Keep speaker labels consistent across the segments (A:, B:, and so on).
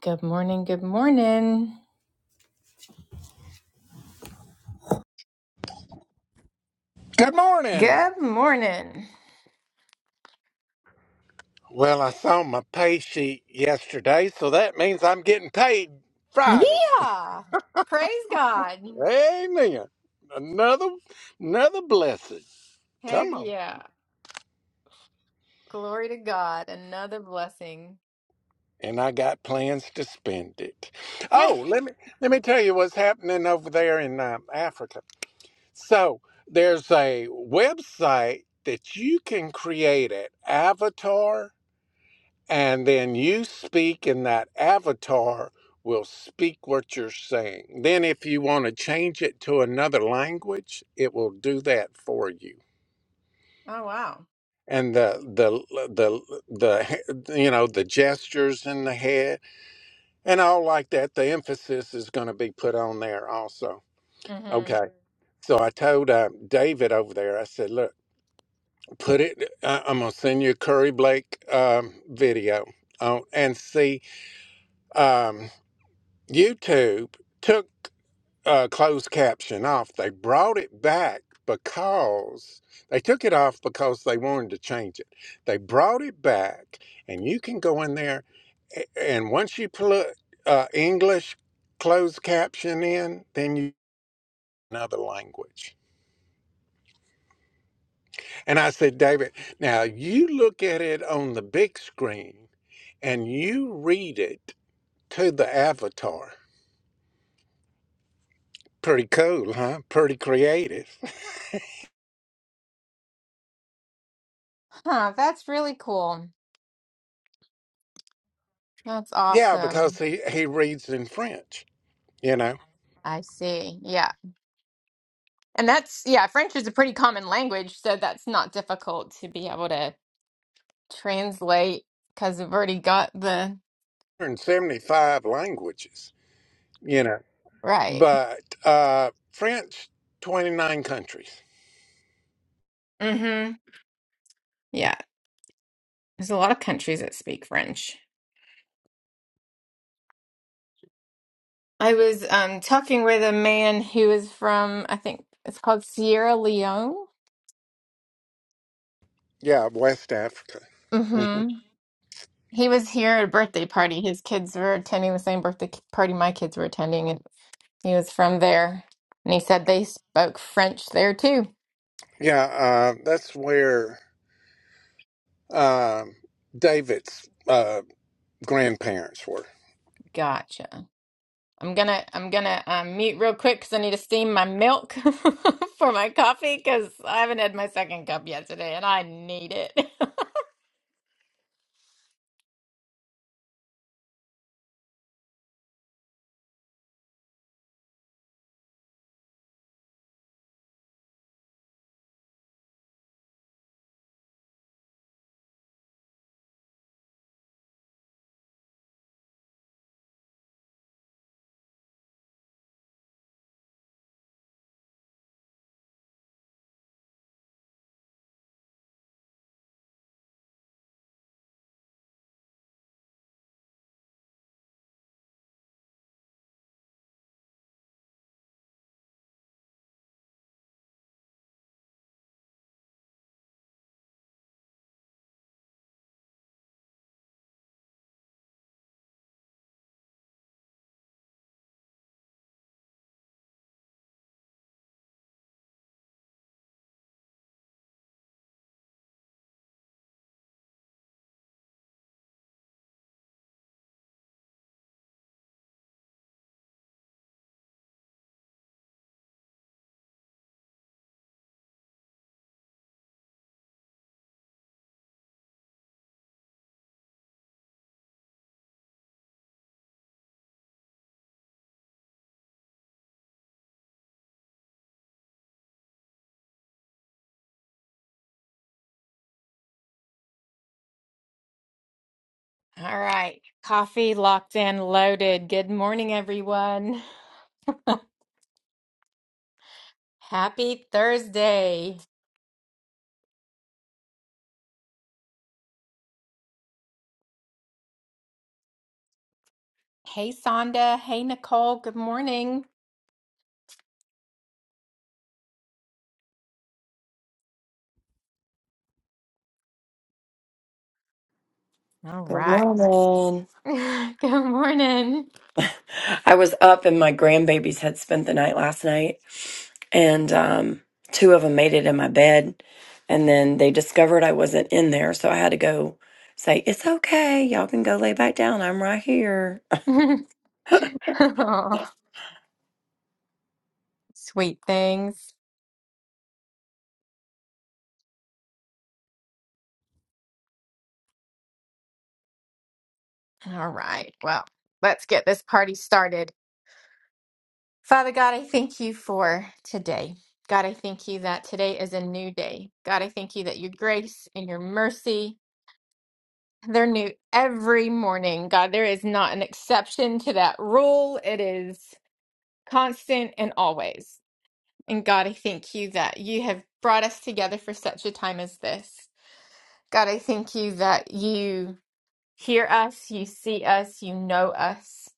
A: Good morning. Good morning.
B: Good morning.
A: Good morning.
B: Well, I saw my pay sheet yesterday, so that means I'm getting paid Friday.
A: Yeah. Praise God.
B: Amen. Another another blessing. Come
A: Heck
B: on.
A: yeah. Glory to God. Another blessing.
B: And I got plans to spend it.
A: Yeah.
B: Oh, let me let me tell you what's happening over there in um, Africa. So there's a website that you can create an avatar and then you speak and that avatar will speak what you're saying then if you want to change it to another language it will do that for you
A: Oh, wow.
B: and the the the the he- you know the gestures in the head and all like that the emphasis is going to be put on there also
A: Mm-hmm.
B: okay so i told uh, david over there i said look put it I, i'm going to send you a curry blake um, video on, and see Um, YouTube took uh, closed caption off. They brought it back because they took it off because they wanted to change it. They brought it back, and you can go in there, a- and once you put uh, English closed caption in, then you another language. And I said, David, now you look at it on the big screen and you read it to the avatar. Pretty cool, huh? Pretty creative.
A: Huh. That's really cool. That's
B: Yeah, because
A: awesome.
B: he, he reads in French, you know,
A: I see. Yeah. And that's, yeah, French is a pretty common language. So that's not difficult to be able to translate because we've already got the
B: 175 languages, you know,
A: right.
B: but uh, French, 29 countries.
A: Mm-hmm. Yeah. There's a lot of countries that speak French. I was um, talking with a man who is from, I think it's called Sierra Leone.
B: Yeah, West Africa. Mhm.
A: hmm He was here at a birthday party. His kids were attending the same birthday ki- party my kids were attending, and he was from there. And he said they spoke French there too.
B: Yeah, uh, that's where um David's uh, grandparents were.
A: Gotcha. I'm gonna I'm gonna um, mute real quick because I need to steam my milk for my coffee because I haven't had my second cup yet today, and I need it. All right, coffee locked in, loaded. Good morning, everyone. Happy Thursday. Hey, Sonda. Hey, Nicole. Good morning. All
C: Good
A: right.
C: morning.
A: Good morning.
C: I was up and my grandbabies had spent the night last night, and um, two of them made it in my bed. And then they discovered I wasn't in there, so I had to go say, It's okay. Y'all can go lay back down. I'm right here.
A: oh, sweet things. All right. Well, let's get this party started. Father God, I thank you for today. God, I thank you that today is a new day. God, I thank you that your grace and your mercy, they're new every morning. God, there is not an exception to that rule. It is constant and always. And God, I thank you that you have brought us together for such a time as this. God, I thank you that you hear us, you see us, you know us.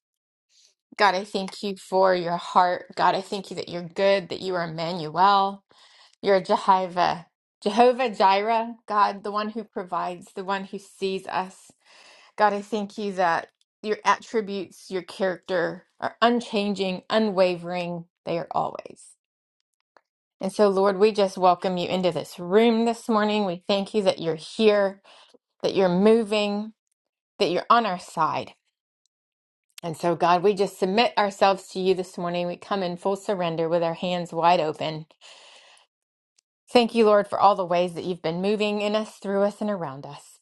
A: God, I thank you for your heart. God, I thank you that you're good, that you are Emmanuel, you're Jehovah, Jehovah Jireh, God, the one who provides, the one who sees us. God, I thank you that your attributes, your character are unchanging, unwavering. They are always. And so, Lord, we just welcome you into this room this morning. We thank you that you're here, that you're moving, that you're on our side. And so, God, we just submit ourselves to you this morning. We come in full surrender with our hands wide open. Thank you, Lord, for all the ways that you've been moving in us, through us, and around us.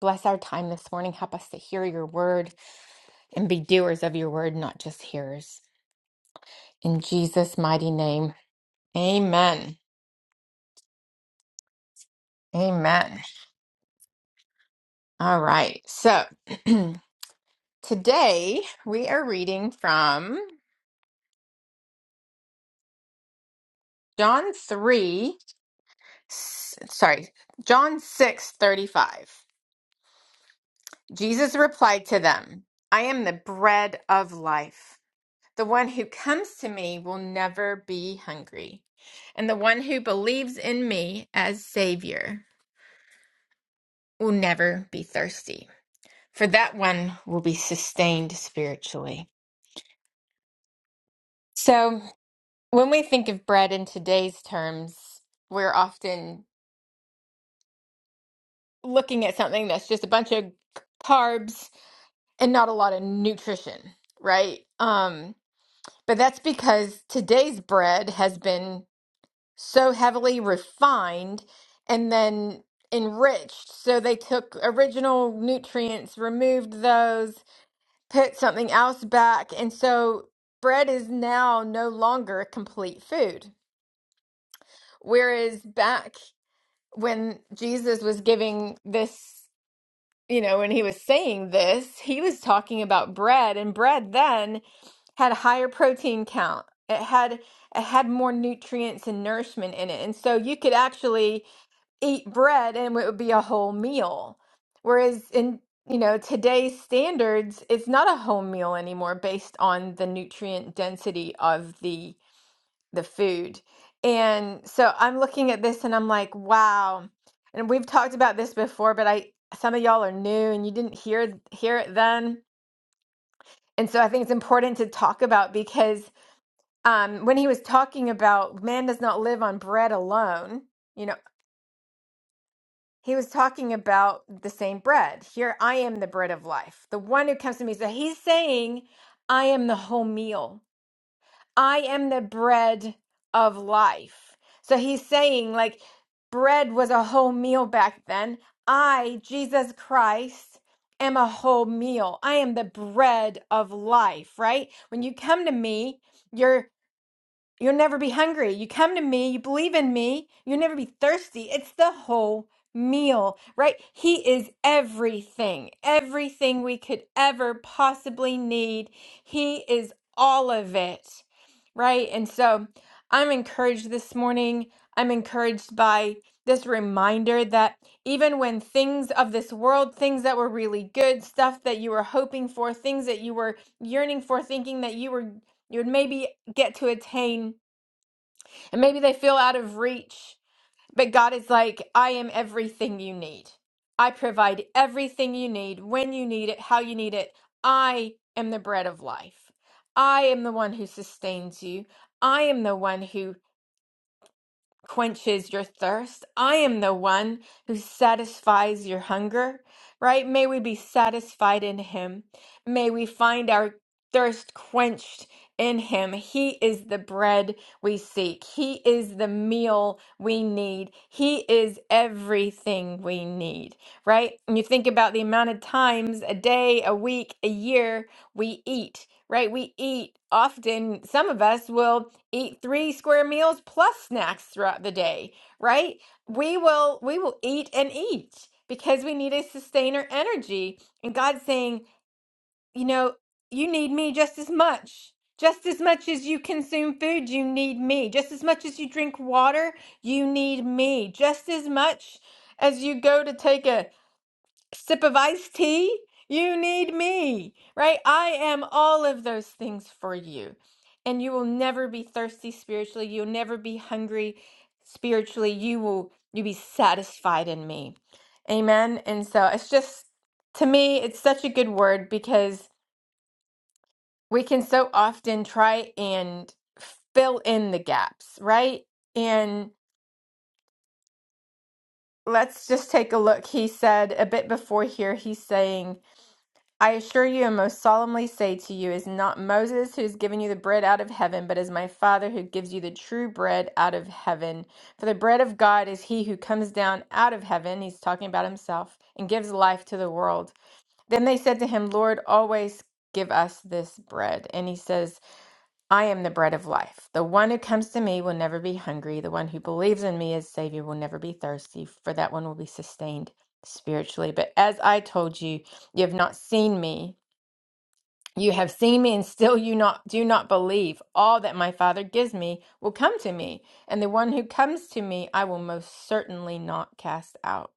A: Bless our time this morning. Help us to hear your word and be doers of your word, not just hearers. In Jesus' mighty name, amen. Amen. All right. So, Today, we are reading from John 3, s- sorry, John 6 35. Jesus replied to them, I am the bread of life. The one who comes to me will never be hungry, and the one who believes in me as Savior will never be thirsty, for that one will be sustained spiritually. So, when we think of bread in today's terms, we're often looking at something that's just a bunch of carbs and not a lot of nutrition, right? Um, but that's because today's bread has been so heavily refined and then enriched. So they took original nutrients, removed those, put something else back. And so bread is now no longer a complete food. Whereas back when Jesus was giving this you know, when he was saying this, he was talking about bread, and bread then had a higher protein count. It had it had more nutrients and nourishment in it. And so you could actually eat bread and it would be a whole meal. Whereas in, you know, today's standards, it's not a whole meal anymore based on the nutrient density of the the food. And so I'm looking at this and I'm like, wow. And we've talked about this before, but I some of y'all are new and you didn't hear hear it then. And so I think it's important to talk about because um, when he was talking about man does not live on bread alone, you know, he was talking about the same bread. Here I am the bread of life. The one who comes to me. So he's saying, I am the whole meal. I am the bread of life. So he's saying, like, bread was a whole meal back then. I, Jesus Christ, am a whole meal. I am the bread of life, right? When you come to me, You'll never be hungry. You come to me, you believe in me, you'll never be thirsty. It's the whole meal, right? He is everything, everything we could ever possibly need. He is all of it, right? And so I'm encouraged this morning. I'm encouraged by this reminder that even when things of this world, things that were really good, stuff that you were hoping for, things that you were yearning for, thinking that you were you would maybe get to attain. And maybe they feel out of reach, but God is like, I am everything you need. I provide everything you need when you need it, how you need it. I am the bread of life. I am the one who sustains you. I am the one who quenches your thirst. I am the one who satisfies your hunger, right? May we be satisfied in Him. May we find our thirst quenched in Him. He is the bread we seek, He is the meal we need, He is everything we need, right? And you think about the amount of times a day, a week, a year we eat. Right, we eat often. Some of us will eat three square meals plus snacks throughout the day, right? We will we will eat and eat because we need to sustain our energy. And God's saying, you know, you need me just as much. Just as much as you consume food, you need me. Just as much as you drink water, you need me. Just as much as you go to take a sip of iced tea, you need me, right? I am all of those things for you. And you will never be thirsty spiritually. You'll never be hungry spiritually. You will you be satisfied in me. Amen. And so it's just to me it's such a good word because we can so often try and fill in the gaps, right? And let's just take a look. He said a bit before here he's saying I assure you and most solemnly say to you, is not Moses who has given you the bread out of heaven, but is my Father who gives you the true bread out of heaven. For the bread of God is he who comes down out of heaven, he's talking about himself, and gives life to the world. Then they said to him, Lord, always give us this bread. And he says, I am the bread of life. The one who comes to me will never be hungry. The one who believes in me as Savior will never be thirsty, for that one will be sustained spiritually. But as I told you, you have not seen me you have seen me and still you not do not believe. All that my Father gives me will come to me, and the one who comes to me I will most certainly not cast out.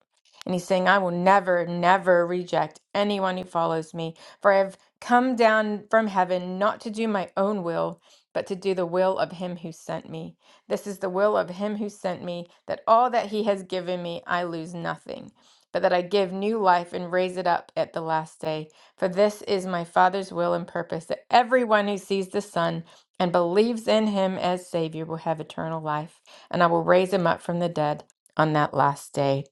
A: And he's saying, I will never, never reject anyone who follows me, for I have come down from heaven not to do my own will, but to do the will of him who sent me. This is the will of him who sent me, that all that he has given me I lose nothing, but that I give new life and raise it up at the last day. For this is my Father's will and purpose that everyone who sees the Son and believes in him as Savior will have eternal life, and I will raise him up from the dead on that last day.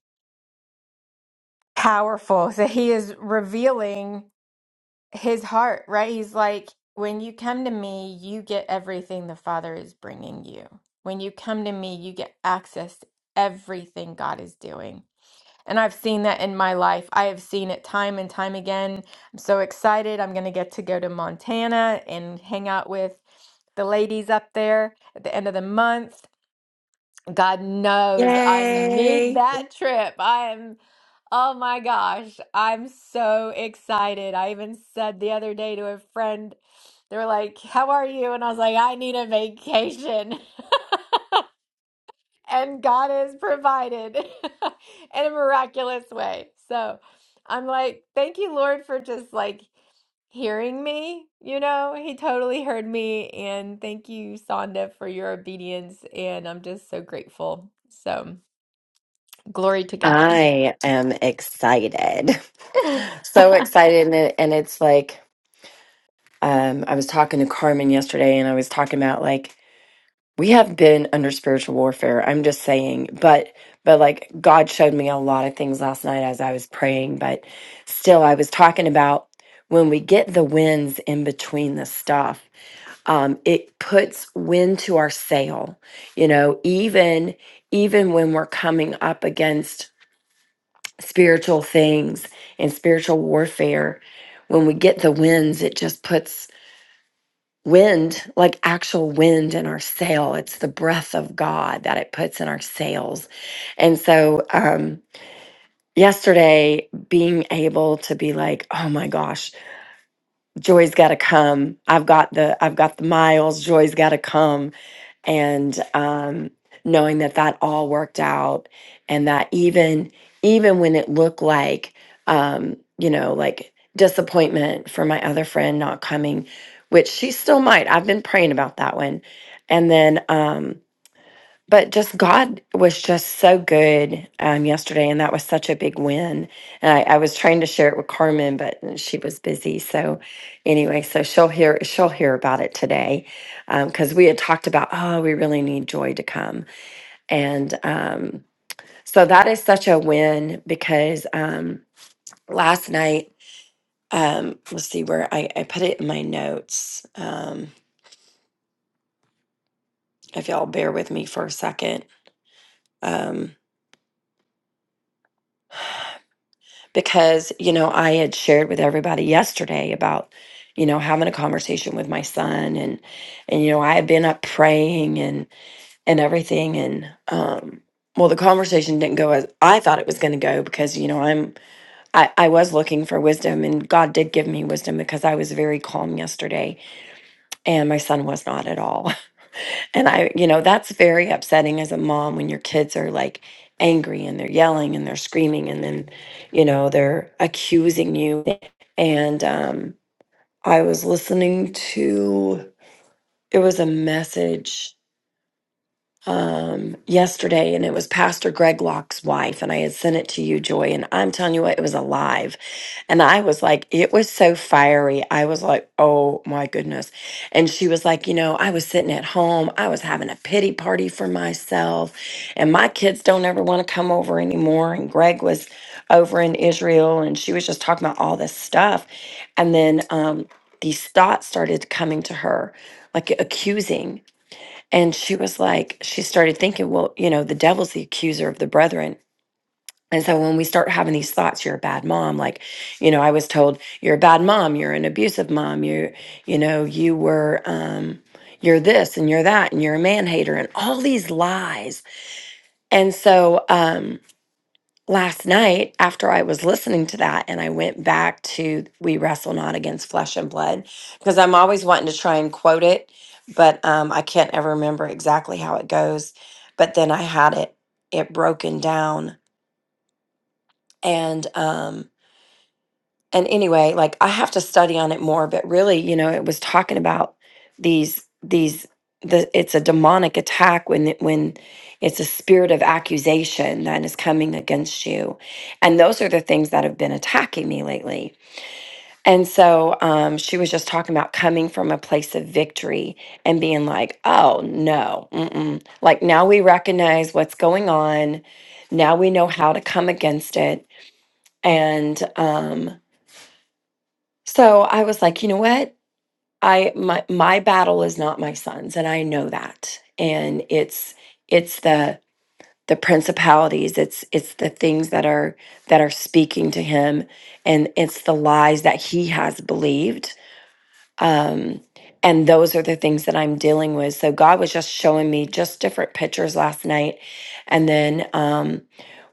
A: Powerful. So he is revealing his heart, right? He's like, when you come to me, you get everything the Father is bringing you. When you come to me, you get access to everything God is doing and I've seen that in my life. I have seen it time and time again. I'm so excited. I'm going to get to go to Montana and hang out with the ladies up there at the end of the month. God knows I need
C: Yay.
A: that trip. I am, oh my gosh, I'm so excited. I even said the other day to a friend, they were like, How are you? And I was like, I need a vacation and God has provided in a miraculous way. So I'm like, thank you, Lord, for just like hearing me. You know, He totally heard me. And thank you, Sonda, for your obedience. And I'm just so grateful. So glory to God.
C: I am excited. So excited. And, it, and it's like, um, I was talking to Carmen yesterday, and I was talking about like, we have been under spiritual warfare i'm just saying but but like god showed me a lot of things last night as i was praying but still i was talking about when we get the winds in between the stuff um, it puts wind to our sail you know even even when we're coming up against spiritual things and spiritual warfare when we get the winds it just puts wind, like actual wind in our sail. It's the breath of God that it puts in our sails. And so, um, yesterday being able to be like oh my gosh joy's got to come i've got the i've got the miles joy's got to come and um, knowing that that all worked out and that even even when it looked like um, you know like disappointment for my other friend not coming which she still might i've been praying about that one and then um, but just God was just so good um, yesterday, and that was such a big win. And I, I was trying to share it with Carmen, but she was busy. So anyway, so she'll hear she'll hear about it today because we had talked about oh, we really need joy to come, and um, so that is such a win because um, last night, um, let's see where I, I put it in my notes. Um, if y'all bear with me for a second. Um, because you know i had shared with everybody yesterday about you know having a conversation with my son and and you know i had been up praying and and everything and um well the conversation didn't go as i thought it was going to go because you know i'm I, I was looking for wisdom and god did give me wisdom because i was very calm yesterday and my son was not at all and I, you know, that's very upsetting as a mom when your kids are like angry and they're yelling and they're screaming and then, you know, they're accusing you. And um, I was listening to, it was a message um, yesterday, and it was Pastor Greg Locke's wife, and I had sent it to you, Joy, and I'm telling you what, it was alive. And I was like, it was so fiery. I was like, oh my goodness. And she was like, you know, I was sitting at home, I was having a pity party for myself, and my kids don't ever want to come over anymore. And Greg was over in Israel, and she was just talking about all this stuff. And then um, these thoughts started coming to her, like accusing. And she was like, she started thinking, well, you know, the devil's the accuser of the brethren. And so when we start having these thoughts, you're a bad mom. Like, you know, I was told you're a bad mom, you're an abusive mom, you, you know, you were, um, you're this and you're that and you're a man hater and all these lies. And so, um, last night after I was listening to that and I went back to We Wrestle Not Against Flesh and Blood because I'm always wanting to try and quote it, but um, I can't ever remember exactly how it goes. But then I had it it broken down and um and anyway like i have to study on it more but really you know it was talking about these these the it's a demonic attack when it- when it's a spirit of accusation that is coming against you and those are the things that have been attacking me lately and so um, she was just talking about coming from a place of victory and being like oh no mm-mm. like now we recognize what's going on now we know how to come against it and um so I was like, you know what? I my my battle is not my sons, and I know that. And it's it's the the principalities, it's it's the things that are that are speaking to him, and it's the lies that he has believed. Um, and those are the things that I'm dealing with. So God was just showing me just different pictures last night. And then um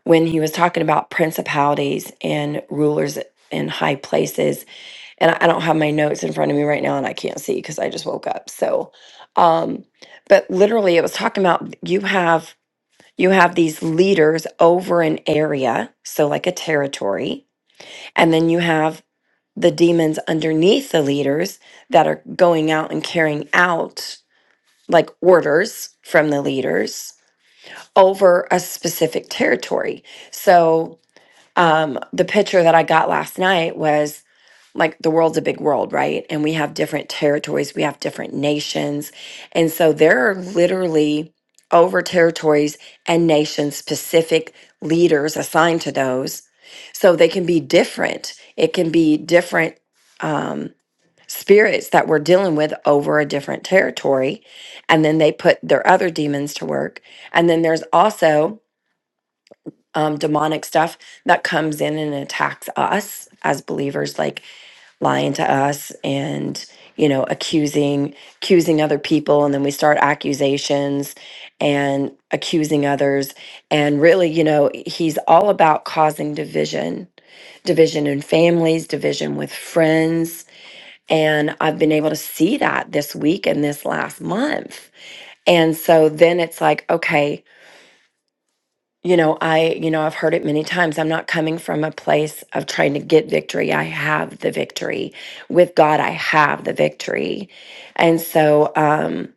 C: when he was talking about principalities and rulers in high places and I I don't have my notes in front of me right now and I can't see because I just woke up. So, um, but literally it was talking about you have you have these leaders over an area, so like a territory, and then you have the demons underneath the leaders that are going out and carrying out like orders from the leaders over a specific territory. So, um, the picture that I got last night was like the world's a big world, right? And we have different territories, we have different nations. And so there are literally over territories and nation specific leaders assigned to those. So they can be different. It can be different spirits that we're dealing with over a different territory. And then they put their other demons to work. And then there's also um, demonic stuff that comes in and attacks us as believers, like lying to us and you know accusing accusing other people and then we start accusations and accusing others and really you know he's all about causing division division in families division with friends and i've been able to see that this week and this last month and so then it's like okay you know i you know i've heard it many times i'm not coming from a place of trying to get victory i have the victory with god i have the victory and so um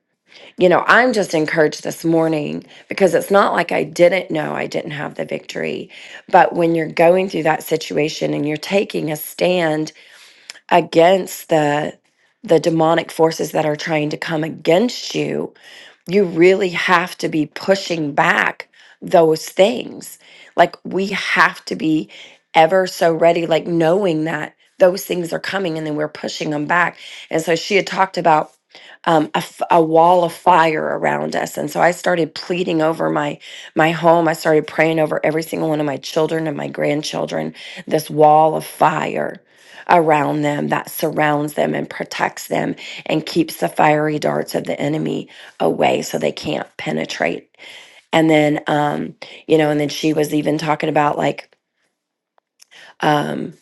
C: you know i'm just encouraged this morning because it's not like i didn't know i didn't have the victory but when you're going through that situation and you're taking a stand against the the demonic forces that are trying to come against you you really have to be pushing back those things. Like we have to be ever so ready, like knowing that those things are coming and then we're pushing them back. And so she had talked about um, a, f- a wall of fire around us. And so I started pleading over my, my home. I started praying over every single one of my children and my grandchildren, this wall of fire around them that surrounds them and protects them and keeps the fiery darts of the enemy away so they can't penetrate. And then, um, you know, and then she was even talking about like, um,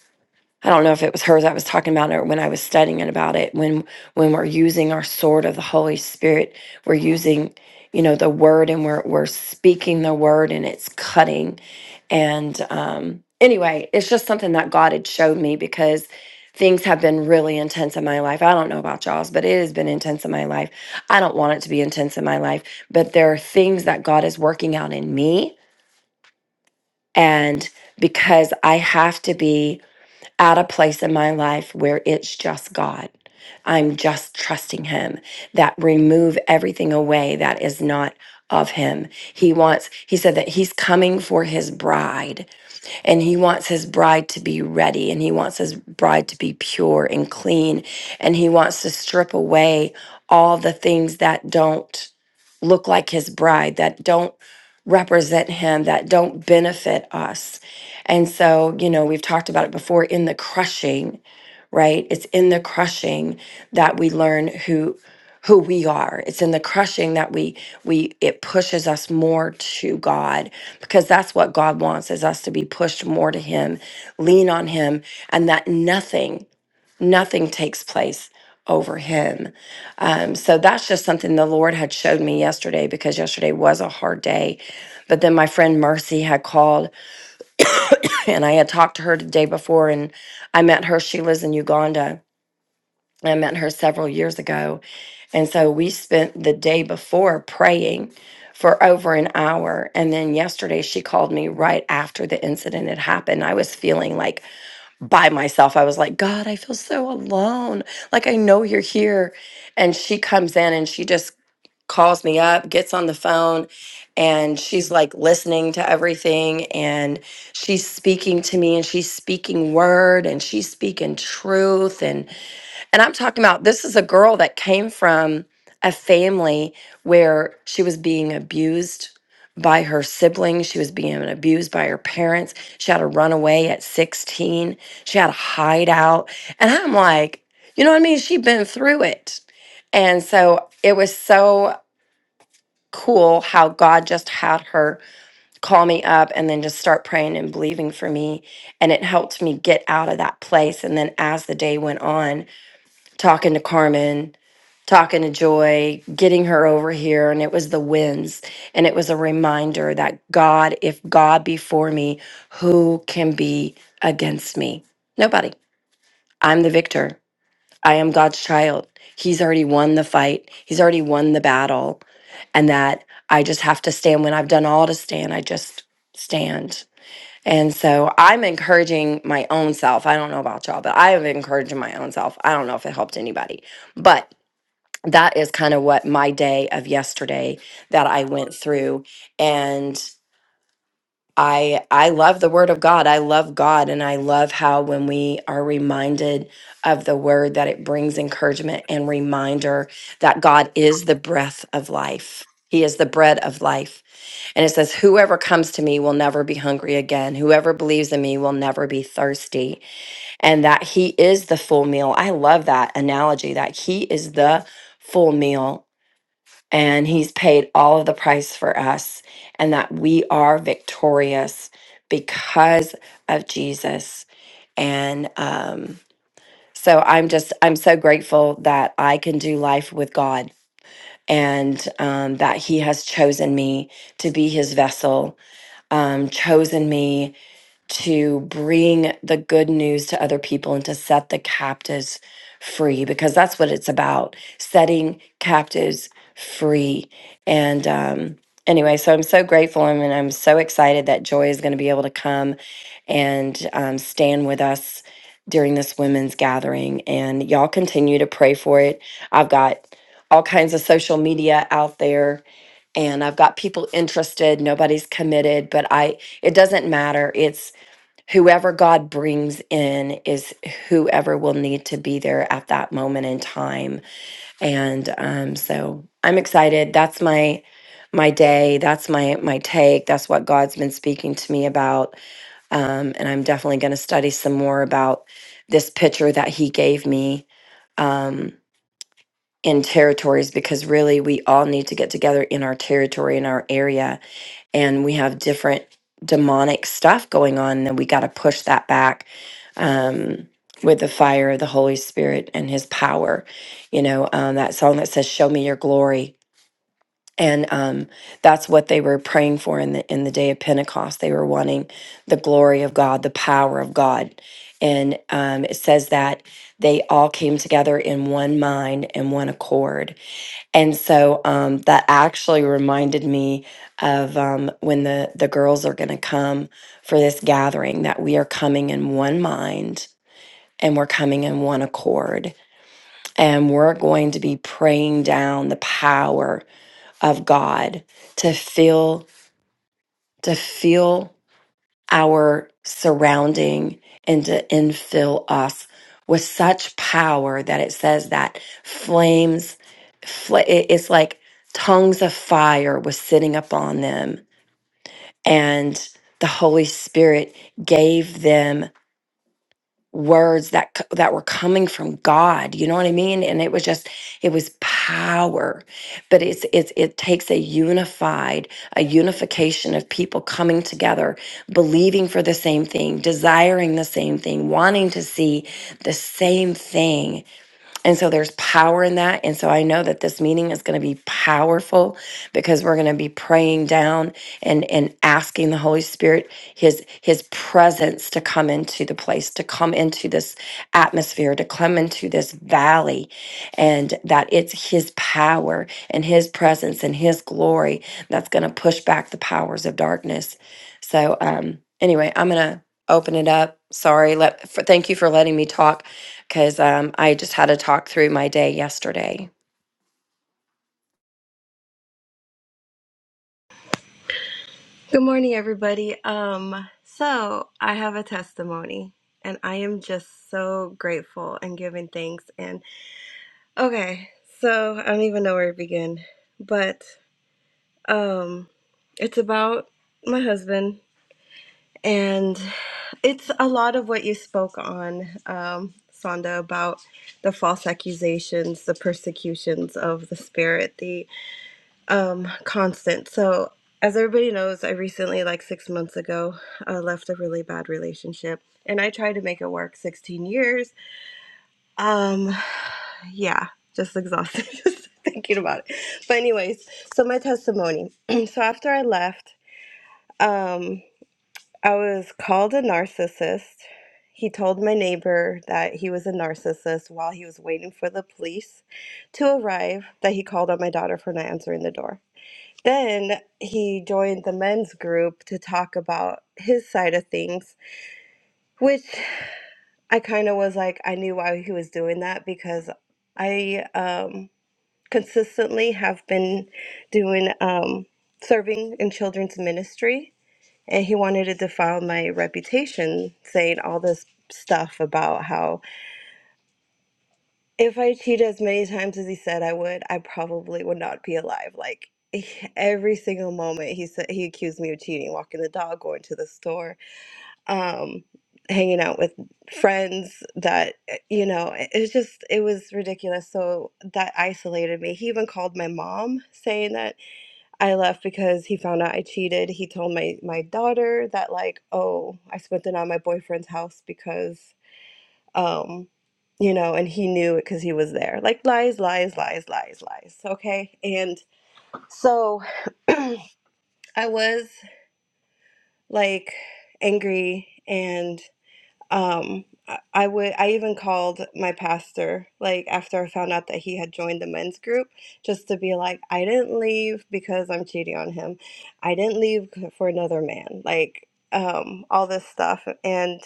C: I don't know if it was hers I was talking about or when I was studying it about it when when we're using our sword of the Holy Spirit we're using you know the word and we're we're speaking the word and it's cutting and um anyway it's just something that God had showed me because things have been really intense in my life. I don't know about y'all's but it has been intense in my life. I don't want it to be intense in my life, but there are things that God is working out in me and because I have to be at a place in my life where it's just God. I'm just trusting him that remove everything away that is not of him. He wants he said that he's coming for his bride and he wants his bride to be ready and he wants his bride to be pure and clean and he wants to strip away all the things that don't look like his bride, that don't represent him, that don't benefit us. And so, you know, we've talked about it before in the crushing, right? It's in the crushing that we learn who who we are. It's in the crushing that we we it pushes us more to God because that's what God wants is us to be pushed more to him, lean on him and that nothing nothing takes place over him. Um, so that's just something the Lord had showed me yesterday because yesterday was a hard day. But then my friend Mercy had called and I had talked to her the day before and I met her. She lives in Uganda. I met her several years ago. And so we spent the day before praying for over an hour. And then yesterday she called me right after the incident had happened. I was feeling like by myself. I was like, God, I feel so alone. Like, I know you're here. And she comes in and she just calls me up, gets on the phone, and she's like listening to everything. And she's speaking to me and she's speaking word and she's speaking truth. And and I'm talking about this is a girl that came from a family where she was being abused by her siblings. She was being abused by her parents. She had to run away at 16. She had to hide out. And I'm like, you know what I mean? She'd been through it. And so it was so cool how God just had her call me up and then just start praying and believing for me. And it helped me get out of that place. And then as the day went on, talking to Carmen, talking to Joy, getting her over here. And it was the wins. And it was a reminder that God, if God be for me, who can be against me? Nobody. I'm the victor. I am God's child. He's already won the fight, He's already won the battle. And that I just have to stand when I've done all to stand. I just stand. And so I'm encouraging my own self. I don't know about y'all, but I am encouraging my own self. I don't know if it helped anybody. But that is kind of what my day of yesterday that I went through and I I love the word of God. I love God and I love how when we are reminded of the word that it brings encouragement and reminder that God is the breath of life. He is the bread of life. And it says whoever comes to me will never be hungry again. Whoever believes in me will never be thirsty. And that he is the full meal. I love that analogy that he is the full meal and he's paid all of the price for us and that we are victorious because of Jesus. And um, so I'm just, I'm so grateful that I can do life with God and um, that He has chosen me to be His vessel, um, chosen me to bring the good news to other people and to set the captives free because that's what it's about setting captives free and um anyway so i'm so grateful I and mean, i'm so excited that joy is going to be able to come and um, stand with us during this women's gathering and y'all continue to pray for it i've got all kinds of social media out there and i've got people interested nobody's committed but i it doesn't matter It's whoever God brings in is whoever will need to be there at that moment in time. And um, so I'm excited. That's my my day. That's my my take. That's what God's been speaking to me about. Um, and I'm definitely going to study some more about this picture that He gave me. Um, in territories because really we all need to get together in our territory in our area and we have different demonic stuff going on, then we got to push that back um, with the fire of the Holy Spirit and His power. You know, um, that song that says, Show me your glory. And um, that's what they were praying for in the in the day of Pentecost. They were wanting the glory of God, the power of God, and um, it says that they all came together in one mind and one accord and so um, that actually reminded me of um, when the, the girls are going to come for this gathering, that we are coming in one mind and we're coming in one accord. And we're going to be praying down the power of God to feel, to feel our surrounding and to infill us with such power that it says that flames, fl- it- it's like tongues of fire was sitting upon them, and the Holy Spirit gave them words that c- that were coming from God you know what i mean and it was just it was power but it's it's it takes a unified a unification of people coming together believing for the same thing desiring the same thing wanting to see the same thing and so there's power in that. And so I know that this meeting is going to be powerful because we're going to be praying down and, and asking the Holy Spirit his his presence to come into the place, to come into this atmosphere, to come into this valley, and that it's his power and his presence and his glory that's going to push back the powers of darkness. So um anyway, I'm gonna open it up. Sorry, let for, thank you for letting me talk because um, I just had to talk through my day yesterday.
D: Good morning, everybody. Um, so I have a testimony, and I am just so grateful and giving thanks. And okay, so I don't even know where to begin, but um, it's about my husband, and it's a lot of what you spoke on, um, Sonda, about the false accusations, the persecutions of the spirit, the um, constant. So, as everybody knows, I recently, like six months ago, uh, left a really bad relationship, and I tried to make it work. Sixteen years. Um, yeah, just exhausted just thinking about it. But anyways, so my testimony. so after I left, um, I was called a narcissist. He told my neighbor that he was a narcissist while he was waiting for the police to arrive. That he called on my daughter for not answering the door. Then he joined the men's group to talk about his side of things, which I kind of was like, I knew why he was doing that because I um, consistently have been doing um, serving in children's ministry. And he wanted to defile my reputation saying all this stuff about how If I cheat as many times as he said I would, I probably would not be alive. Like he- every single moment he said he accused me of cheating, walking the dog, going to the store, um, hanging out with friends that eh, you know, it it was just it was ridiculous. So that isolated me. He even called my mom saying that I left because he found out I cheated. He told my my daughter that like, "Oh, I spent the night at my boyfriend's house because um, you know, and he knew it because he was there. Like lies, lies, lies, lies, lies. Okay. And so I was like angry and um I I would I even called my pastor like after I found out that he had joined the men's group just to be like I didn't leave because I'm cheating on him. I didn't leave for another man. Like um all this stuff and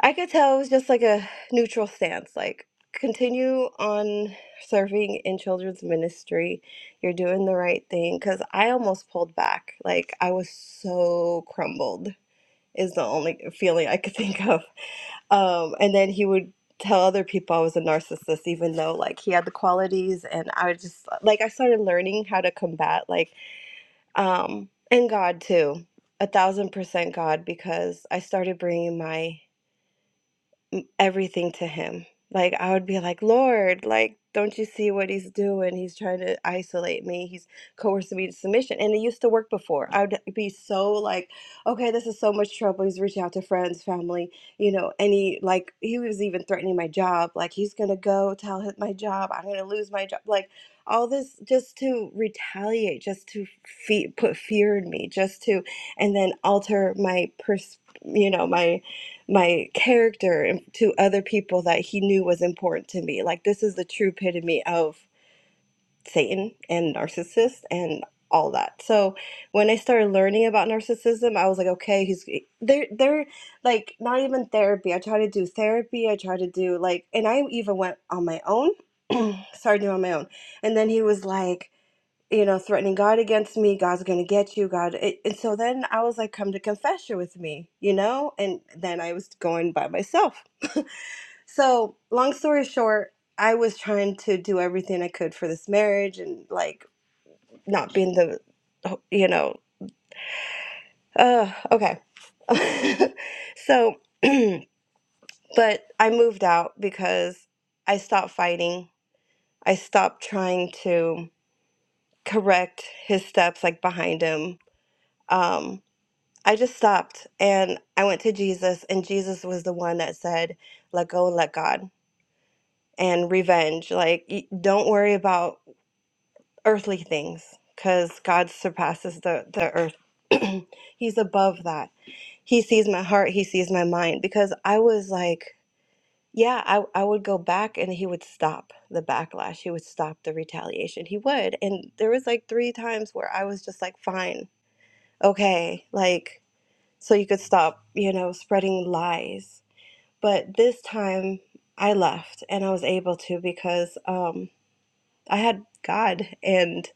D: I could tell it was just like a neutral stance, like continue on serving in children's ministry. You're doing the right thing. Cause I almost pulled back. Like I was so crumbled is the only feeling I could think of. Um, and then he would tell other people I was a narcissist, even though like he had the qualities and I would just like I started learning how to combat like um and God too. A thousand percent God because I started bringing my m- everything to him. Like I would be like, Lord, like don't you see what he's doing? He's trying to isolate me. He's coercing me to submission. And it used to work before. I would be so like, okay, this is so much trouble. He's reaching out to friends, family, you know, and he like he was even threatening my job. Like he's gonna go tell his, my job, I'm gonna lose my job. Like all this just to retaliate, just to fe- put fear in me, just to and then alter my pers you know, my my character to other people that he knew was important to me. Like this is the true epitome of Satan and narcissist and all that. So when I started learning about narcissism, I was like, okay, he's they're they're like not even therapy. I try to do therapy. I try to do like, and I even went on my own. Started doing on my own, and then he was like you know, threatening God against me. God's going to get you. God. It, and so then I was like, come to confession with me, you know? And then I was going by myself. So, long story short, I was trying to do everything I could for this marriage and like not being the, you know, uh, okay. so, but I moved out because I stopped fighting. I stopped trying to correct his steps like behind him. Um, I just stopped and I went to Jesus, and Jesus was the one that said, let go and let God and revenge. Like, y- don't worry about earthly things because God surpasses the, the earth. He's above that. He sees my heart, He sees my mind. Because I was like, yeah, I, I would go back and He would stop the backlash. He would stop the retaliation. He would. And there was like three times where I was just like, fine, okay, like so you could stop, you know, spreading lies. But this time I left and I was able to because um, I had God and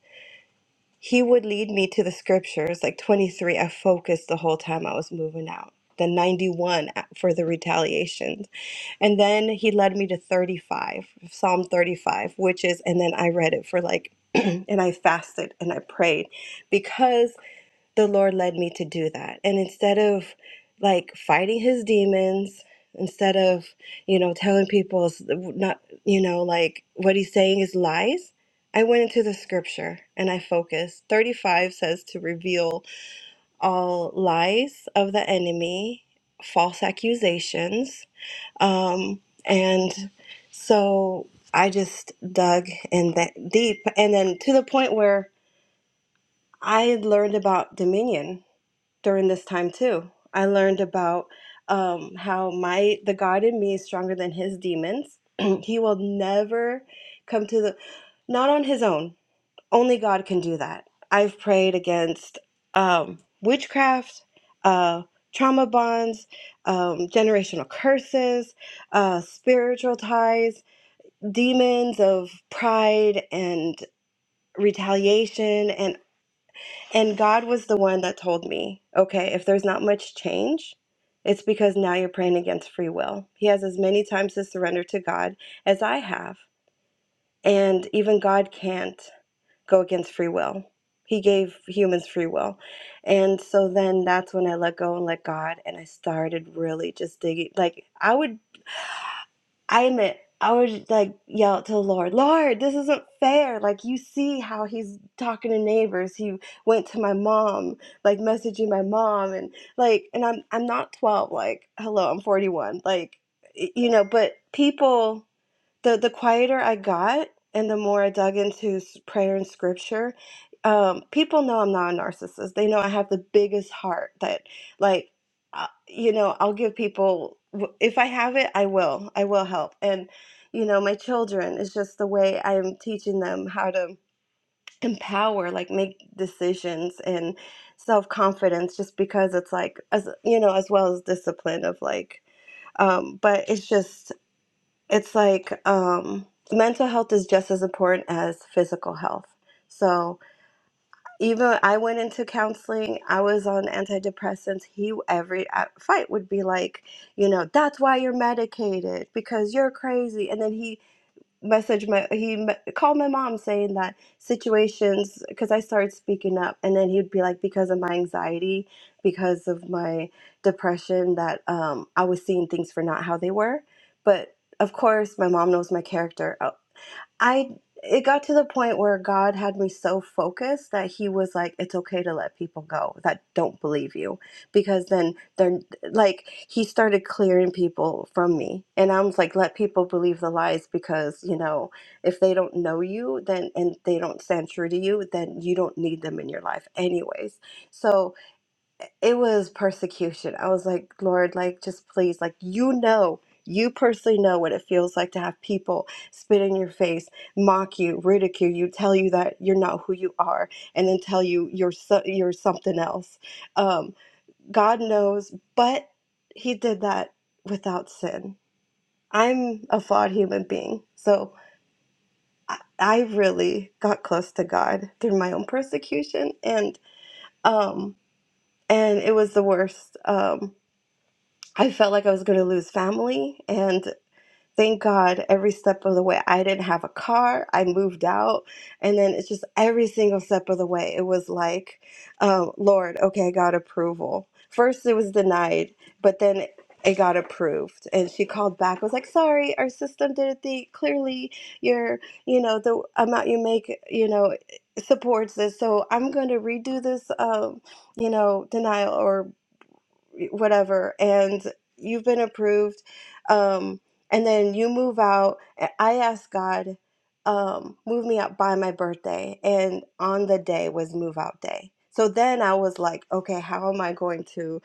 D: He would lead me to the scriptures. Like 23, I focused the whole time I was moving out. Then 91 uh, for the retaliation. And then He led me to 35, Psalm 35, which is, and then I read it for like, and I fasted and I prayed because the Lord led me to do that. And instead of like fighting his demons, instead of, you know, telling people s- not, you know, like what he's saying is lies, I went into the scripture and I focused. 35 says to reveal all lies of the enemy, false accusations. Um, and so I just dug in that deep. And then to the point where I had learned about dominion during this time too. I learned about um, how my the God in me is stronger than his demons. he will never come to the not on his own. Only God can do that. I've prayed against um, witchcraft, uh, trauma bonds, um, generational curses, uh, spiritual ties, demons of pride and retaliation, and. And God was the one that told me, okay, if there's not much change, it's because now you're praying against free will. He has as many times to surrender to God as I have. And even God can't go against free will. He gave humans free will. And so then that's when I let go and let God. And I started really just digging. Like, I would I admit, I would like yell to the Lord, Lord, this isn't fair. Like, you see how he's talking to neighbors. He went to my mom, like messaging my mom, and like, and I'm I'm not 12. Like, hello, I'm 41. Like, y- you know, but people the the quieter I got and the more I dug into s- prayer and scripture, um, people know I'm not a narcissist. They know I have the biggest heart that like uh, you know, I'll give people w- if I have it, I will. I will help. And you know, my children it's just the way I'm teaching them how to empower like make decisions and self-confidence just because it's like as you know as well as discipline of like um but it's just it's like um, mental health is just as important as physical health. So even I went into counseling, I was on antidepressants. He every uh, fight would be like, you know, that's why you're medicated because you're crazy, and then he message my he me- called my mom saying that situations because I started speaking up and then he'd be like because of my anxiety because of my depression that um I was seeing things for not how they were but of course my mom knows my character Uh, I it got to the point where God had me so focused that he was like it's okay to let people go that don't believe you because then they're like he started clearing people from me and i was like let people believe the lies because you know if they don't know you then and they don't stand true to you then you don't need them in your life anyways so it was persecution i was like lord like just please like you know you personally know what it feels like to have people spit in your face, mock you, ridicule you, tell you that you're not who you are, and then tell you you're so, you're something else. Um, God knows, but he did that without sin. I'm a flawed human being. So I I really got close to God through my own persecution and um and it was the worst. Um I felt like I was going to lose family and. Thank God every step of the way. I didn't have a car. I moved out. And then it's just every single step of the way. It was like, um, Lord, okay, I got approval. First, it was denied, but then it got approved. And she called back. I was like, sorry, our system didn't think clearly your, you know, the amount you make, you know, supports this. So I'm going to redo this, um, you know, denial or whatever and you've been approved um and then you move out and i asked god um move me out by my birthday and on the day was move out day so then i was like okay how am i going to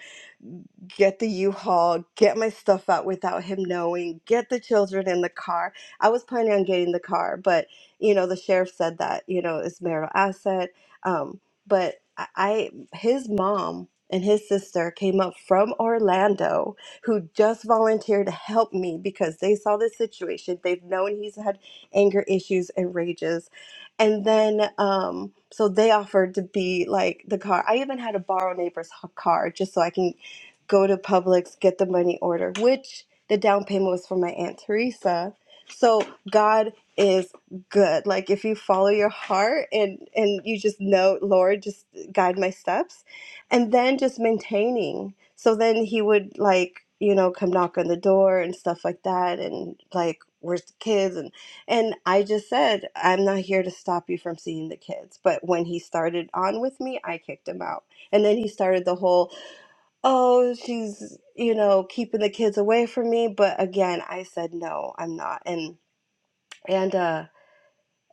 D: get the u-haul get my stuff out without him knowing get the children in the car i was planning on getting the car but you know the sheriff said that you know it's marital asset um but i I- his mom and his sister came up from Orlando who just volunteered to help me because they saw this situation. They've known he's had anger issues and rages. And then, um, so they offered to be like the car. I even had to borrow a neighbor's h- car just so I can go to Publix, get the money order, which the down payment was for my Aunt Teresa. So God is good. Like if you follow your heart and and you just know, Lord, just guide my steps and then just maintaining. So then he would like, you know, come knock on the door and stuff like that and like where's the kids and and I just said, I'm not here to stop you from seeing the kids. But when he started on with me, I kicked him out. And then he started the whole, "Oh, she's, you know, keeping the kids away from me." But again, I said, "No, I'm not." And and uh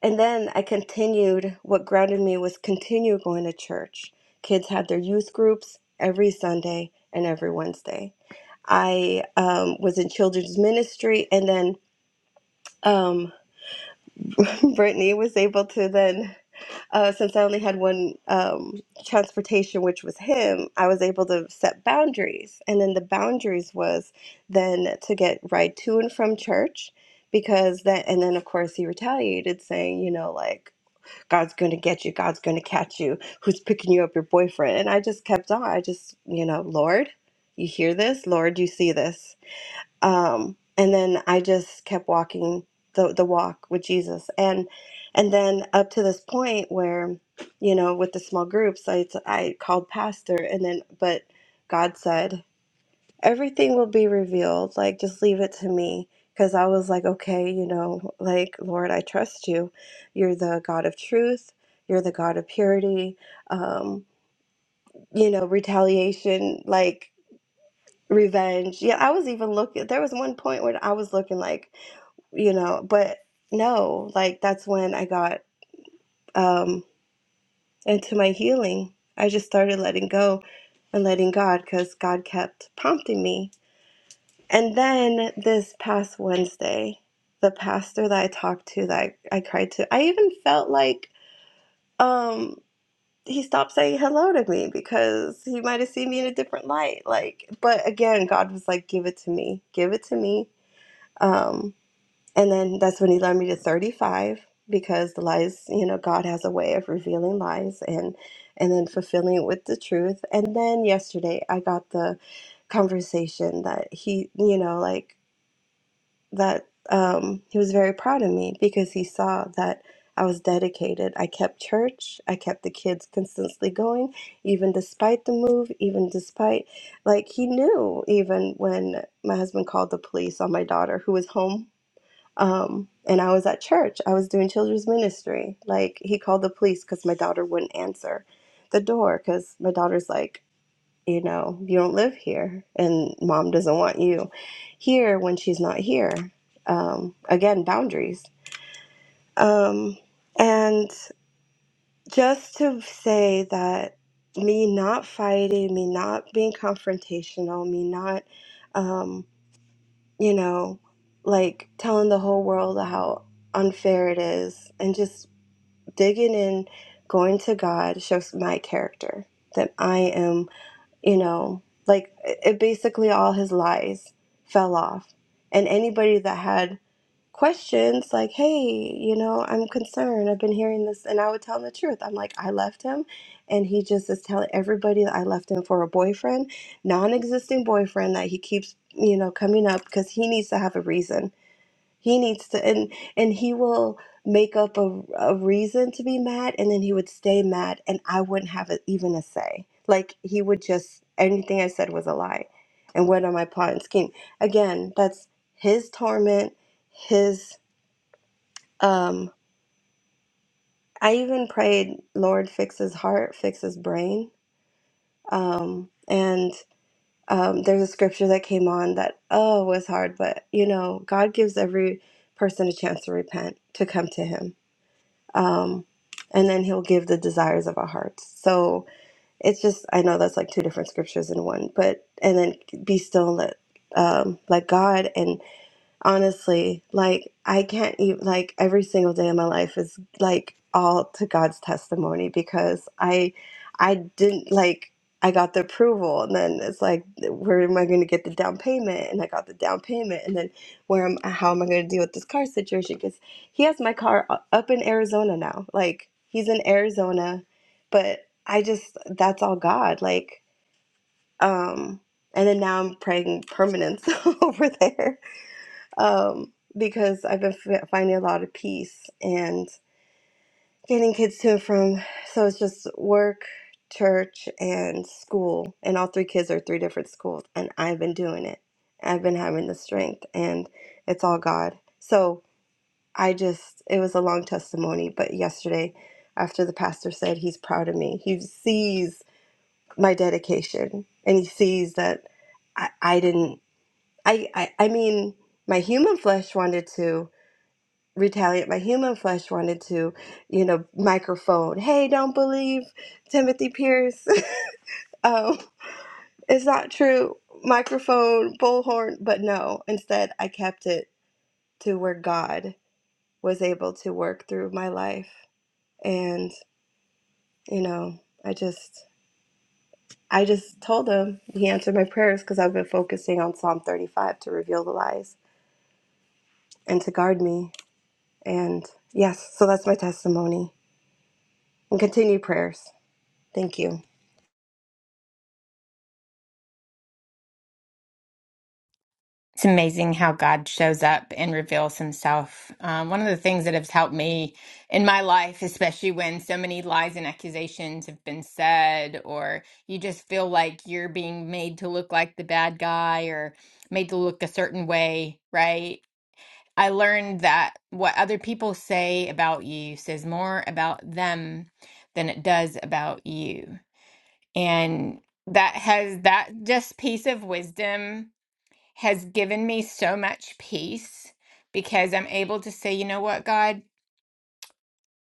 D: and then I continued, what grounded me was continue going to church. Kids had their youth groups every Sunday and every Wednesday. I um, was in children's ministry, and then um, Brittany was able to then, uh, since I only had one um, transportation, which was him, I was able to set boundaries. And then the boundaries was then to get ride to and from church because that, and then of course he retaliated saying, you know, like, God's going to get you. God's going to catch you. Who's picking you up? Your boyfriend. And I just kept on. I just, you know, Lord, you hear this? Lord, you see this? Um, and then I just kept walking the, the walk with Jesus. And and then up to this point where, you know, with the small groups, I, I called pastor and then, but God said, everything will be revealed. Like, just leave it to me. Because I was like, okay, you know, like, Lord, I trust you. You're the God of truth. You're the God of purity. Um, you know, retaliation, like revenge. Yeah, I was even looking, there was one point when I was looking like, you know, but no, like, that's when I got um, into my healing. I just started letting go and letting God because God kept prompting me And then this past Wednesday, the pastor that I talked to, that I, I cried to, I even felt like um, he stopped saying hello to me because he might have seen me in a different light. Like, but again, God was like, "Give it to me, give it to me." Um, and then that's when he led me to thirty-five because the lies, you know, God has a way of revealing lies and and then fulfilling it with the truth. And then yesterday, I got the conversation that he, you know, like that um, he was very proud of me because he saw that I was dedicated. I kept church, I kept the kids consistently going, even despite the move, even despite, like, he knew even when my husband called the police on my daughter who was home. Um, and I was at church, I was doing children's ministry. Like, he called the police because my daughter wouldn't answer the door because my daughter's like, you know, you don't live here and mom doesn't want you here when she's not here. Um, again, boundaries. Um, and just to say that me not fighting, me not being confrontational, me not, um, you know, like telling the whole world how unfair it is, and just digging in, going to God shows my character that I am. you know like it it basically all his lies fell off and anybody that had questions like hey you know i'm concerned i've been hearing this and i would tell him the truth i'm like i left him and he just is telling everybody that i left him for a boyfriend non-existing boyfriend that he keeps you know coming up because he needs to have a reason he needs to, and and he will make up a, a reason to be mad, and then he would stay mad, and I wouldn't have a, even a say. Like he would just anything I said was a lie, and went on my plot and scheme. Again, that's his torment, his um. I even prayed, Lord, fix his heart, fix his brain. Um, and um, there's a scripture that came on that oh was hard, but you know God gives every person a chance to repent, to come to Him um, and then he'll give the desires of our hearts. So it's just I know that's like two different scriptures in one, but and then be still and let um, let God and Honestly, like I can't even like every single day of my life is like all to God's testimony because I I didn't like I got the approval and then it's like where am I going to get the down payment and I got the down payment and then where am how am I going to deal with this car situation because he has my car u- up in Arizona now like he's in Arizona but I just that's all God like um and then now I'm praying permanence over there um, because I've been f- finding a lot of peace and getting kids to and from. So it's just work, church, and school. And all three kids are three different schools. And I've been doing it. I've been having the strength, and it's all God. So I just, it was a long testimony. But yesterday, after the pastor said he's proud of me, he sees my dedication and he sees that I, I didn't, I, I, I mean, my human flesh wanted to retaliate. My human flesh wanted to, you know, microphone, hey, don't believe Timothy Pierce. um, it's not true. Microphone, bullhorn. But no, instead, I kept it to where God was able to work through my life. And, you know, I just. I just told him he answered my prayers because I've been focusing on Psalm 35 to reveal the lies and to guard me. And yes, so that's my testimony and continued prayers. Thank you.
A: It's amazing how God shows up and reveals himself. Um, one of the things that has helped me in my life, especially when so many lies and accusations have been said, or you just feel like you're being made to look like the bad guy or made to look a certain way, right? I learned that what other people say about you says more about them than it does about you. And that has that just piece of wisdom has given me so much peace because I'm able to say, you know what, God,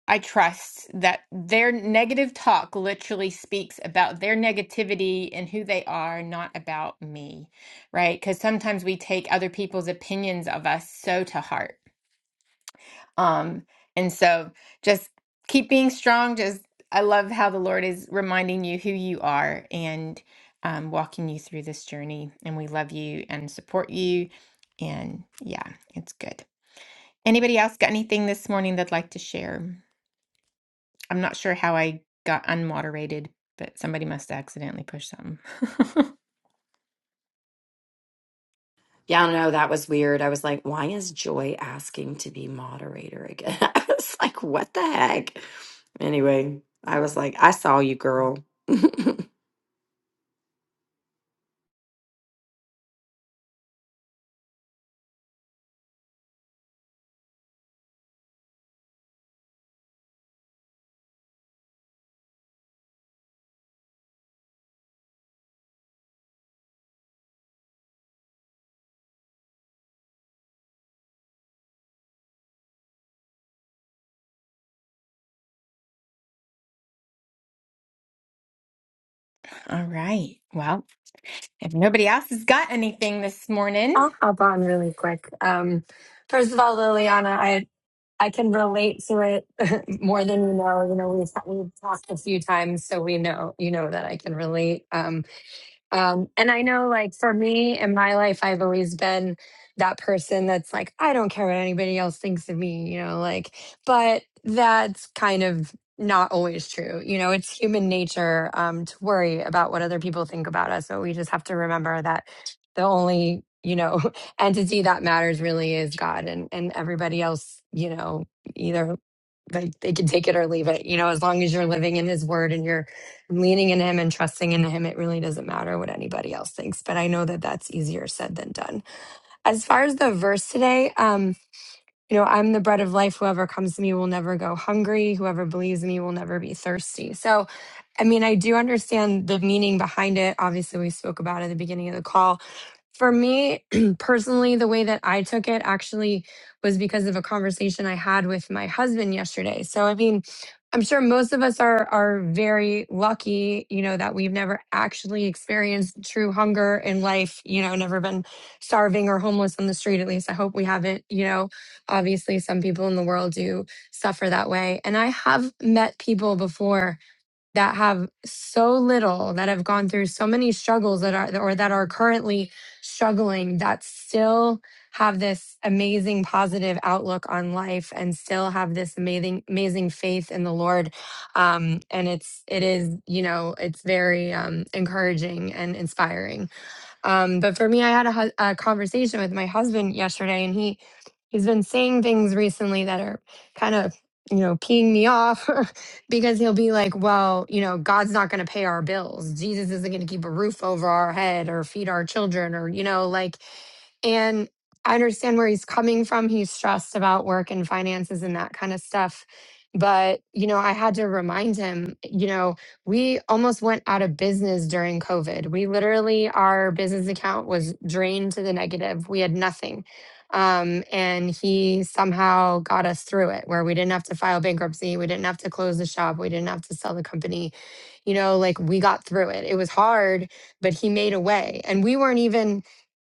A: I trust that their negative talk literally speaks about their negativity and who they are, not about me, right? Because sometimes we take other people's opinions of us so to heart um, and so just keep being strong. Just I love how the Lord is reminding you who you are and um, walking you through this journey. And we love you and support you. And yeah, it's good. Anybody else got anything this morning they'd like to share? I'm not sure how I got unmoderated, but somebody must have accidentally pushed something.
C: Yeah, I don't know. That was weird. I was like, why is Joy asking to be moderator again? I was like, what the heck? Anyway, I was like, I saw you, girl.
A: All right. Well, if nobody else has got anything this morning,
E: I'll hop on really quick. Um, first of all, Liliana, I I can relate to it more than you know. You know, we've we've talked a few times, so we know you know that I can relate. Um, um, and I know, like, for me in my life, I've always been that person that's like, I don't care what anybody else thinks of me, you know, like, but that's kind of not always true. You know, it's human nature um, to worry about what other people think about us. So we just have to remember that the only, you know, entity that matters really is God and, and everybody else, you know, either like they can take it or leave it, you know, as long as you're living in his word and you're I'm leaning in him and trusting in him. It really doesn't matter what anybody else thinks, but I know that that's easier said than done. As far as the verse today, um, you know, I'm the bread of life. Whoever comes to me will never go hungry. Whoever believes in me will never be thirsty. So, I mean, I do understand the meaning behind it. Obviously, we spoke about it at the beginning of the call. For me personally, the way that I took it actually was because of a conversation I had with my husband yesterday. So, I mean, I'm sure most of us are are very lucky, you know, that we've never actually experienced true hunger in life, you know, never been starving or homeless on the street. At least I hope we haven't, you know obviously some people in the world do suffer that way and i have met people before that have so little that have gone through so many struggles that are or that are currently struggling that still have this amazing positive outlook on life and still have this amazing amazing faith in the lord um and it's it is you know it's very um encouraging and inspiring um, but for me, I had a, hu- a conversation with my husband yesterday, and he he's been saying things recently that are kind of you know peeing me off because he'll be like, "Well, you know, God's not going to pay our bills. Jesus isn't going to keep a roof over our head or feed our children, or you know, like." And I understand where he's coming from. He's stressed about work and finances and that kind of stuff. But, you know, I had to remind him, you know, we almost went out of business during COVID. We literally, our business account was drained to the negative. We had nothing. Um, and he somehow got us through it where we didn't have to file bankruptcy. We didn't have to close the shop. We didn't have to sell the company. You know, like we got through it. It was hard, but he made a way. And we weren't even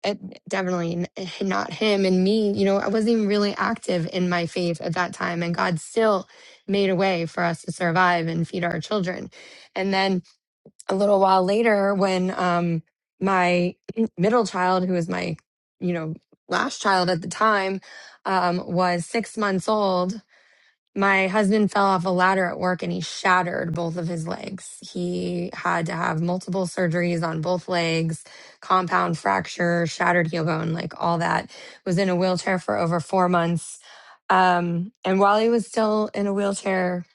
E: it definitely n- eh, not him and me you know i wasn't even really active in my faith at that time and god still made a way for us to survive and feed our children and then a little while later when um my middle child who was my you know last child at the time um was six months old my husband fell off a ladder at work and he shattered both of his legs. He had to have multiple surgeries on both legs, compound fracture, shattered heel bone, like all that. Was in a wheelchair for over four months. Um, and while he was still in a wheelchair,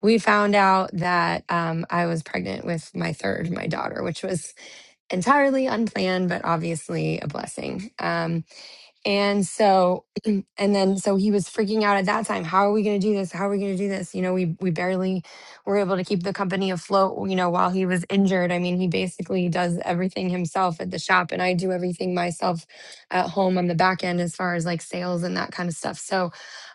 E: we found out that um, I was pregnant with my third, my daughter, which was entirely unplanned, but obviously a blessing. Um, and so, and then, so he was freaking out at that time. How are we going to do this? How are we going to do this? You know, we, we barely were able to keep the company afloat, you know, while he was injured. I mean, he basically does everything himself at the shop and I do everything myself at home on the back end as far as like sales and that kind of stuff. So,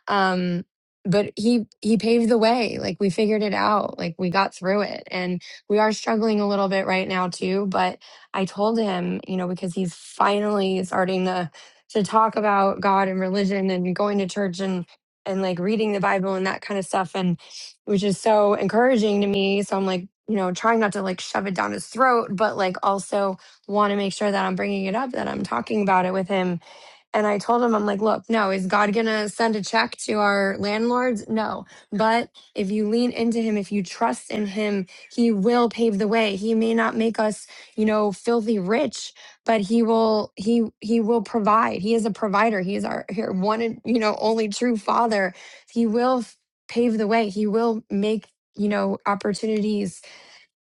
E: um, but he he paved the way like we figured it out like we got through it and we are struggling a little bit right now too but i told him you know because he's finally starting to to talk about God and religion and going to church and and like reading the Bible and that kind of stuff and which is so encouraging to me. So I'm like, you know, trying not to like shove it down his throat, but like also want to make sure that I'm bringing it up, that I'm talking about it with him. And I told him, I'm like, look, no, is God going to send a check to our landlords? No. But if you lean into him, if you trust in him, he will pave the way. He may not make us, you know, filthy rich, but he will he he will provide he is a provider he is our here one and you know only true father he will f- pave the way he will make you know opportunities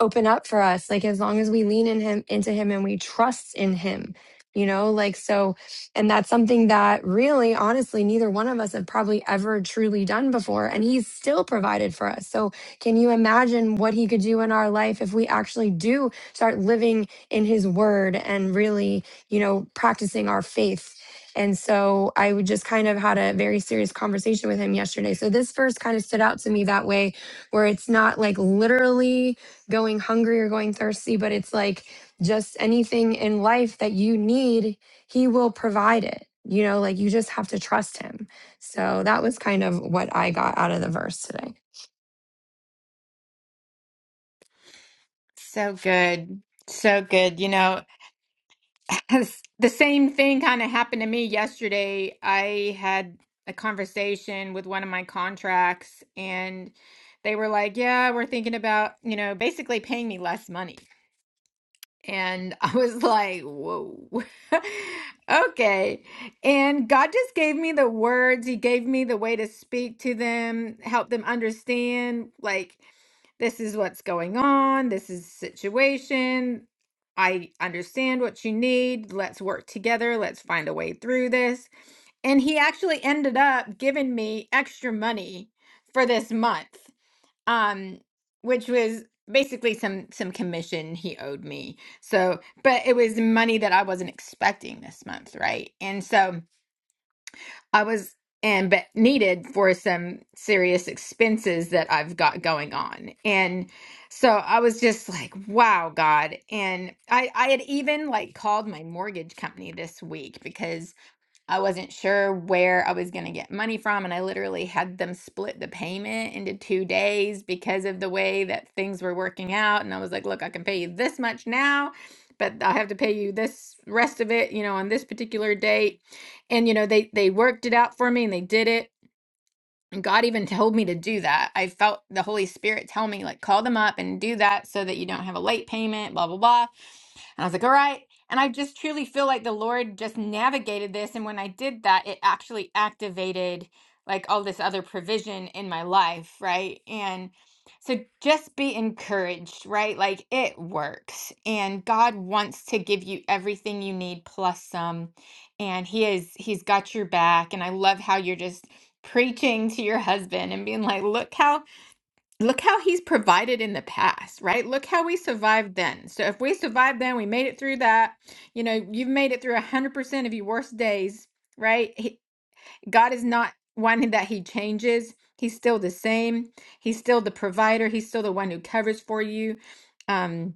E: open up for us like as long as we lean in him into him and we trust in him you know like so and that's something that really honestly neither one of us have probably ever truly done before and he's still provided for us so can you imagine what he could do in our life if we actually do start living in his word and really you know practicing our faith and so i would just kind of had a very serious conversation with him yesterday so this verse kind of stood out to me that way where it's not like literally going hungry or going thirsty, but it's like just anything in life that you need, he will provide it. You know, like you just have to trust him. So that was kind of what I got out of the verse today.
A: So good. So good. You know, the same thing kind of happened to me yesterday. I had a conversation with one of my contracts and they were like, "Yeah, we're thinking about, you know, basically paying me less money." And I was like, whoa, okay. And God just gave me the words. He gave me the way to speak to them, help them understand, like, this is what's going on. This is the situation. I understand what you need. Let's work together. Let's find a way through this. And he actually ended up giving me extra money for this month um which was basically some some commission he owed me so but it was money that i wasn't expecting this month right and so i was and but needed for some serious expenses that i've got going on and so i was just like wow god and i i had even like called my mortgage company this week because. I wasn't sure where I was going to get money from. And I literally had them split the payment into two days because of the way that things were working out. And I was like, look, I can pay you this much now, but I'll have to pay you this rest of it, you know, on this particular date. And, you know, they, they worked it out for me and they did it. And God even told me to do that. I felt the Holy Spirit tell me, like, call them up and do that so that you don't have a late payment, blah, blah, blah. And I was like, all right. And I just truly feel like the Lord just navigated this. And when I did that, it actually activated like all this other provision in my life, right? And so just be encouraged, right? Like it works. And God wants to give you everything you need plus some. And he is he's got your back. And I love how you're just preaching to your husband and being like, look how look how he's provided in the past, right? Look how we survived then. So if we survived then, we made it through that. You know, you've made it through 100% of your worst days, right? He, God is not one that he changes. He's still the same. He's still the provider. He's still the one who covers for you. Um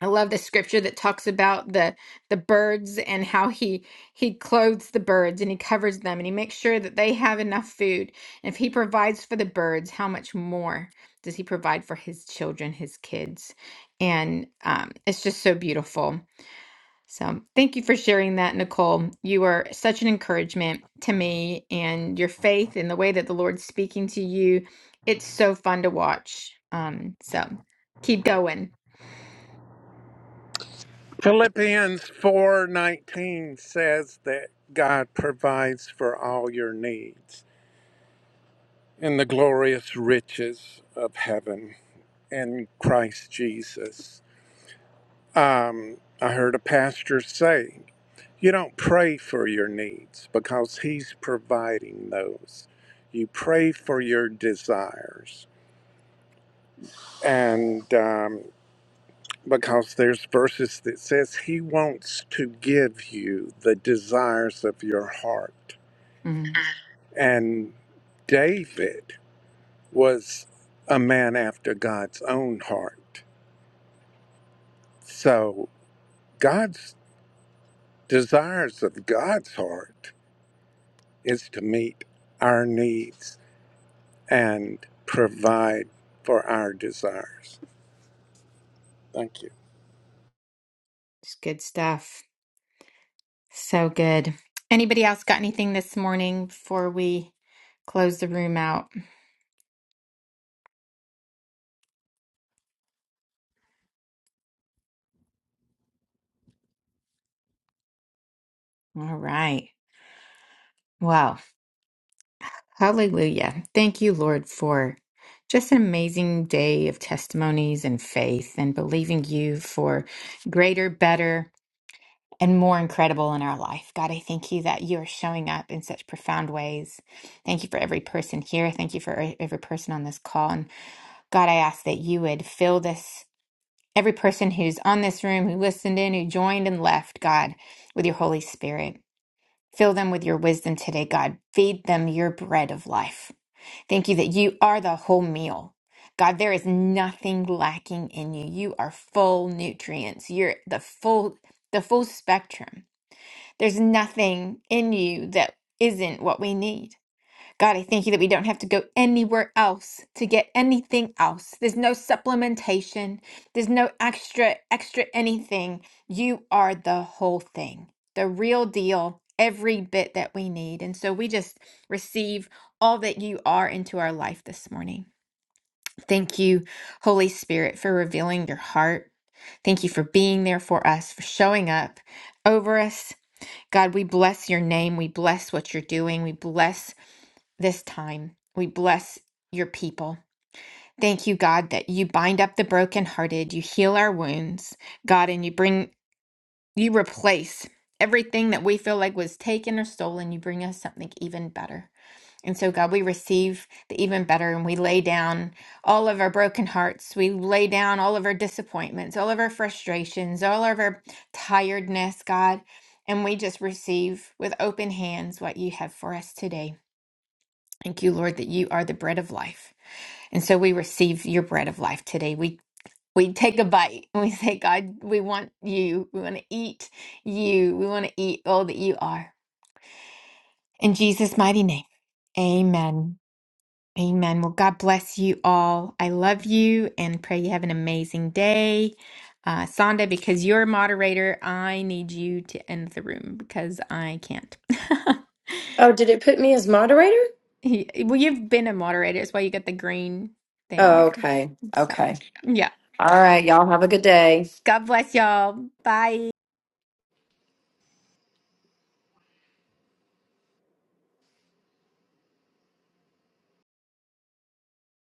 A: I love the scripture that talks about the the birds and how he he clothes the birds and he covers them and he makes sure that they have enough food. And if he provides for the birds, how much more does he provide for his children, his kids? And um, it's just so beautiful. So thank you for sharing that, Nicole. You are such an encouragement to me and your faith and the way that the Lord's speaking to you. It's so fun to watch. Um, so keep going.
B: Philippians 4:19 says that God provides for all your needs in the glorious riches of heaven in Christ Jesus. Um, I heard a pastor say, You don't pray for your needs because He's providing those. You pray for your desires. And um, because there's verses that says He wants to give you the desires of your heart.
A: Mm.
B: And David was a man after God's own heart. So God's desires of God's heart is to meet our needs and provide for our desires. Thank you.
A: It's good stuff. So good. Anybody else got anything this morning before we close the room out? All right. Well, hallelujah. Thank you, Lord, for just an amazing day of testimonies and faith and believing you for greater, better, and more incredible in our life. God, I thank you that you are showing up in such profound ways. Thank you for every person here. Thank you for e-, every person on this call. And God, I ask that you would fill this every person who's on this room, who listened in, who joined and left, God, with your Holy Spirit. Fill them with your wisdom today, God. Feed them your bread of life. Thank you that you are the whole meal. God, there is nothing lacking in you. You are full nutrients. You're the full the full spectrum. There's nothing in you that isn't what we need. God, I thank you that we don't have to go anywhere else to get anything else. There's no supplementation, there's no extra, extra anything. You are the whole thing, the real deal, every bit that we need. And so we just receive all that you are into our life this morning. Thank you, Holy Spirit, for revealing your heart. Thank you for being there for us, for showing up over us. God, we bless your name. We bless what you're doing. We bless this time. We bless your people. Thank you, God, that you bind up the brokenhearted, you heal our wounds, God, and you bring, you replace everything that we feel like was taken or stolen. You bring us something even better. And so, God, we receive the even better and we lay down all of our broken hearts. We lay down all of our disappointments, all of our frustrations, all of our tiredness, God. And we just receive with open hands what you have for us today. Thank you, Lord, that you are the bread of life. And so we receive your bread of life today. We we take a bite and we say, God, we want you. We want to eat you. We want to eat all that you are. In Jesus' mighty name. Amen. Amen. Well, God bless you all. I love you and pray you have an amazing day. Uh, Sonda, because you're a moderator, I need you to end the room because I can't.
C: Oh, did it put me as moderator?
A: He, well, you've been a moderator. That's why you got the green thing
C: Oh,
A: there.
C: okay.
A: So,
C: Okay.
A: yeah.
C: All right. Y'all have a good day.
A: God bless y'all. Bye.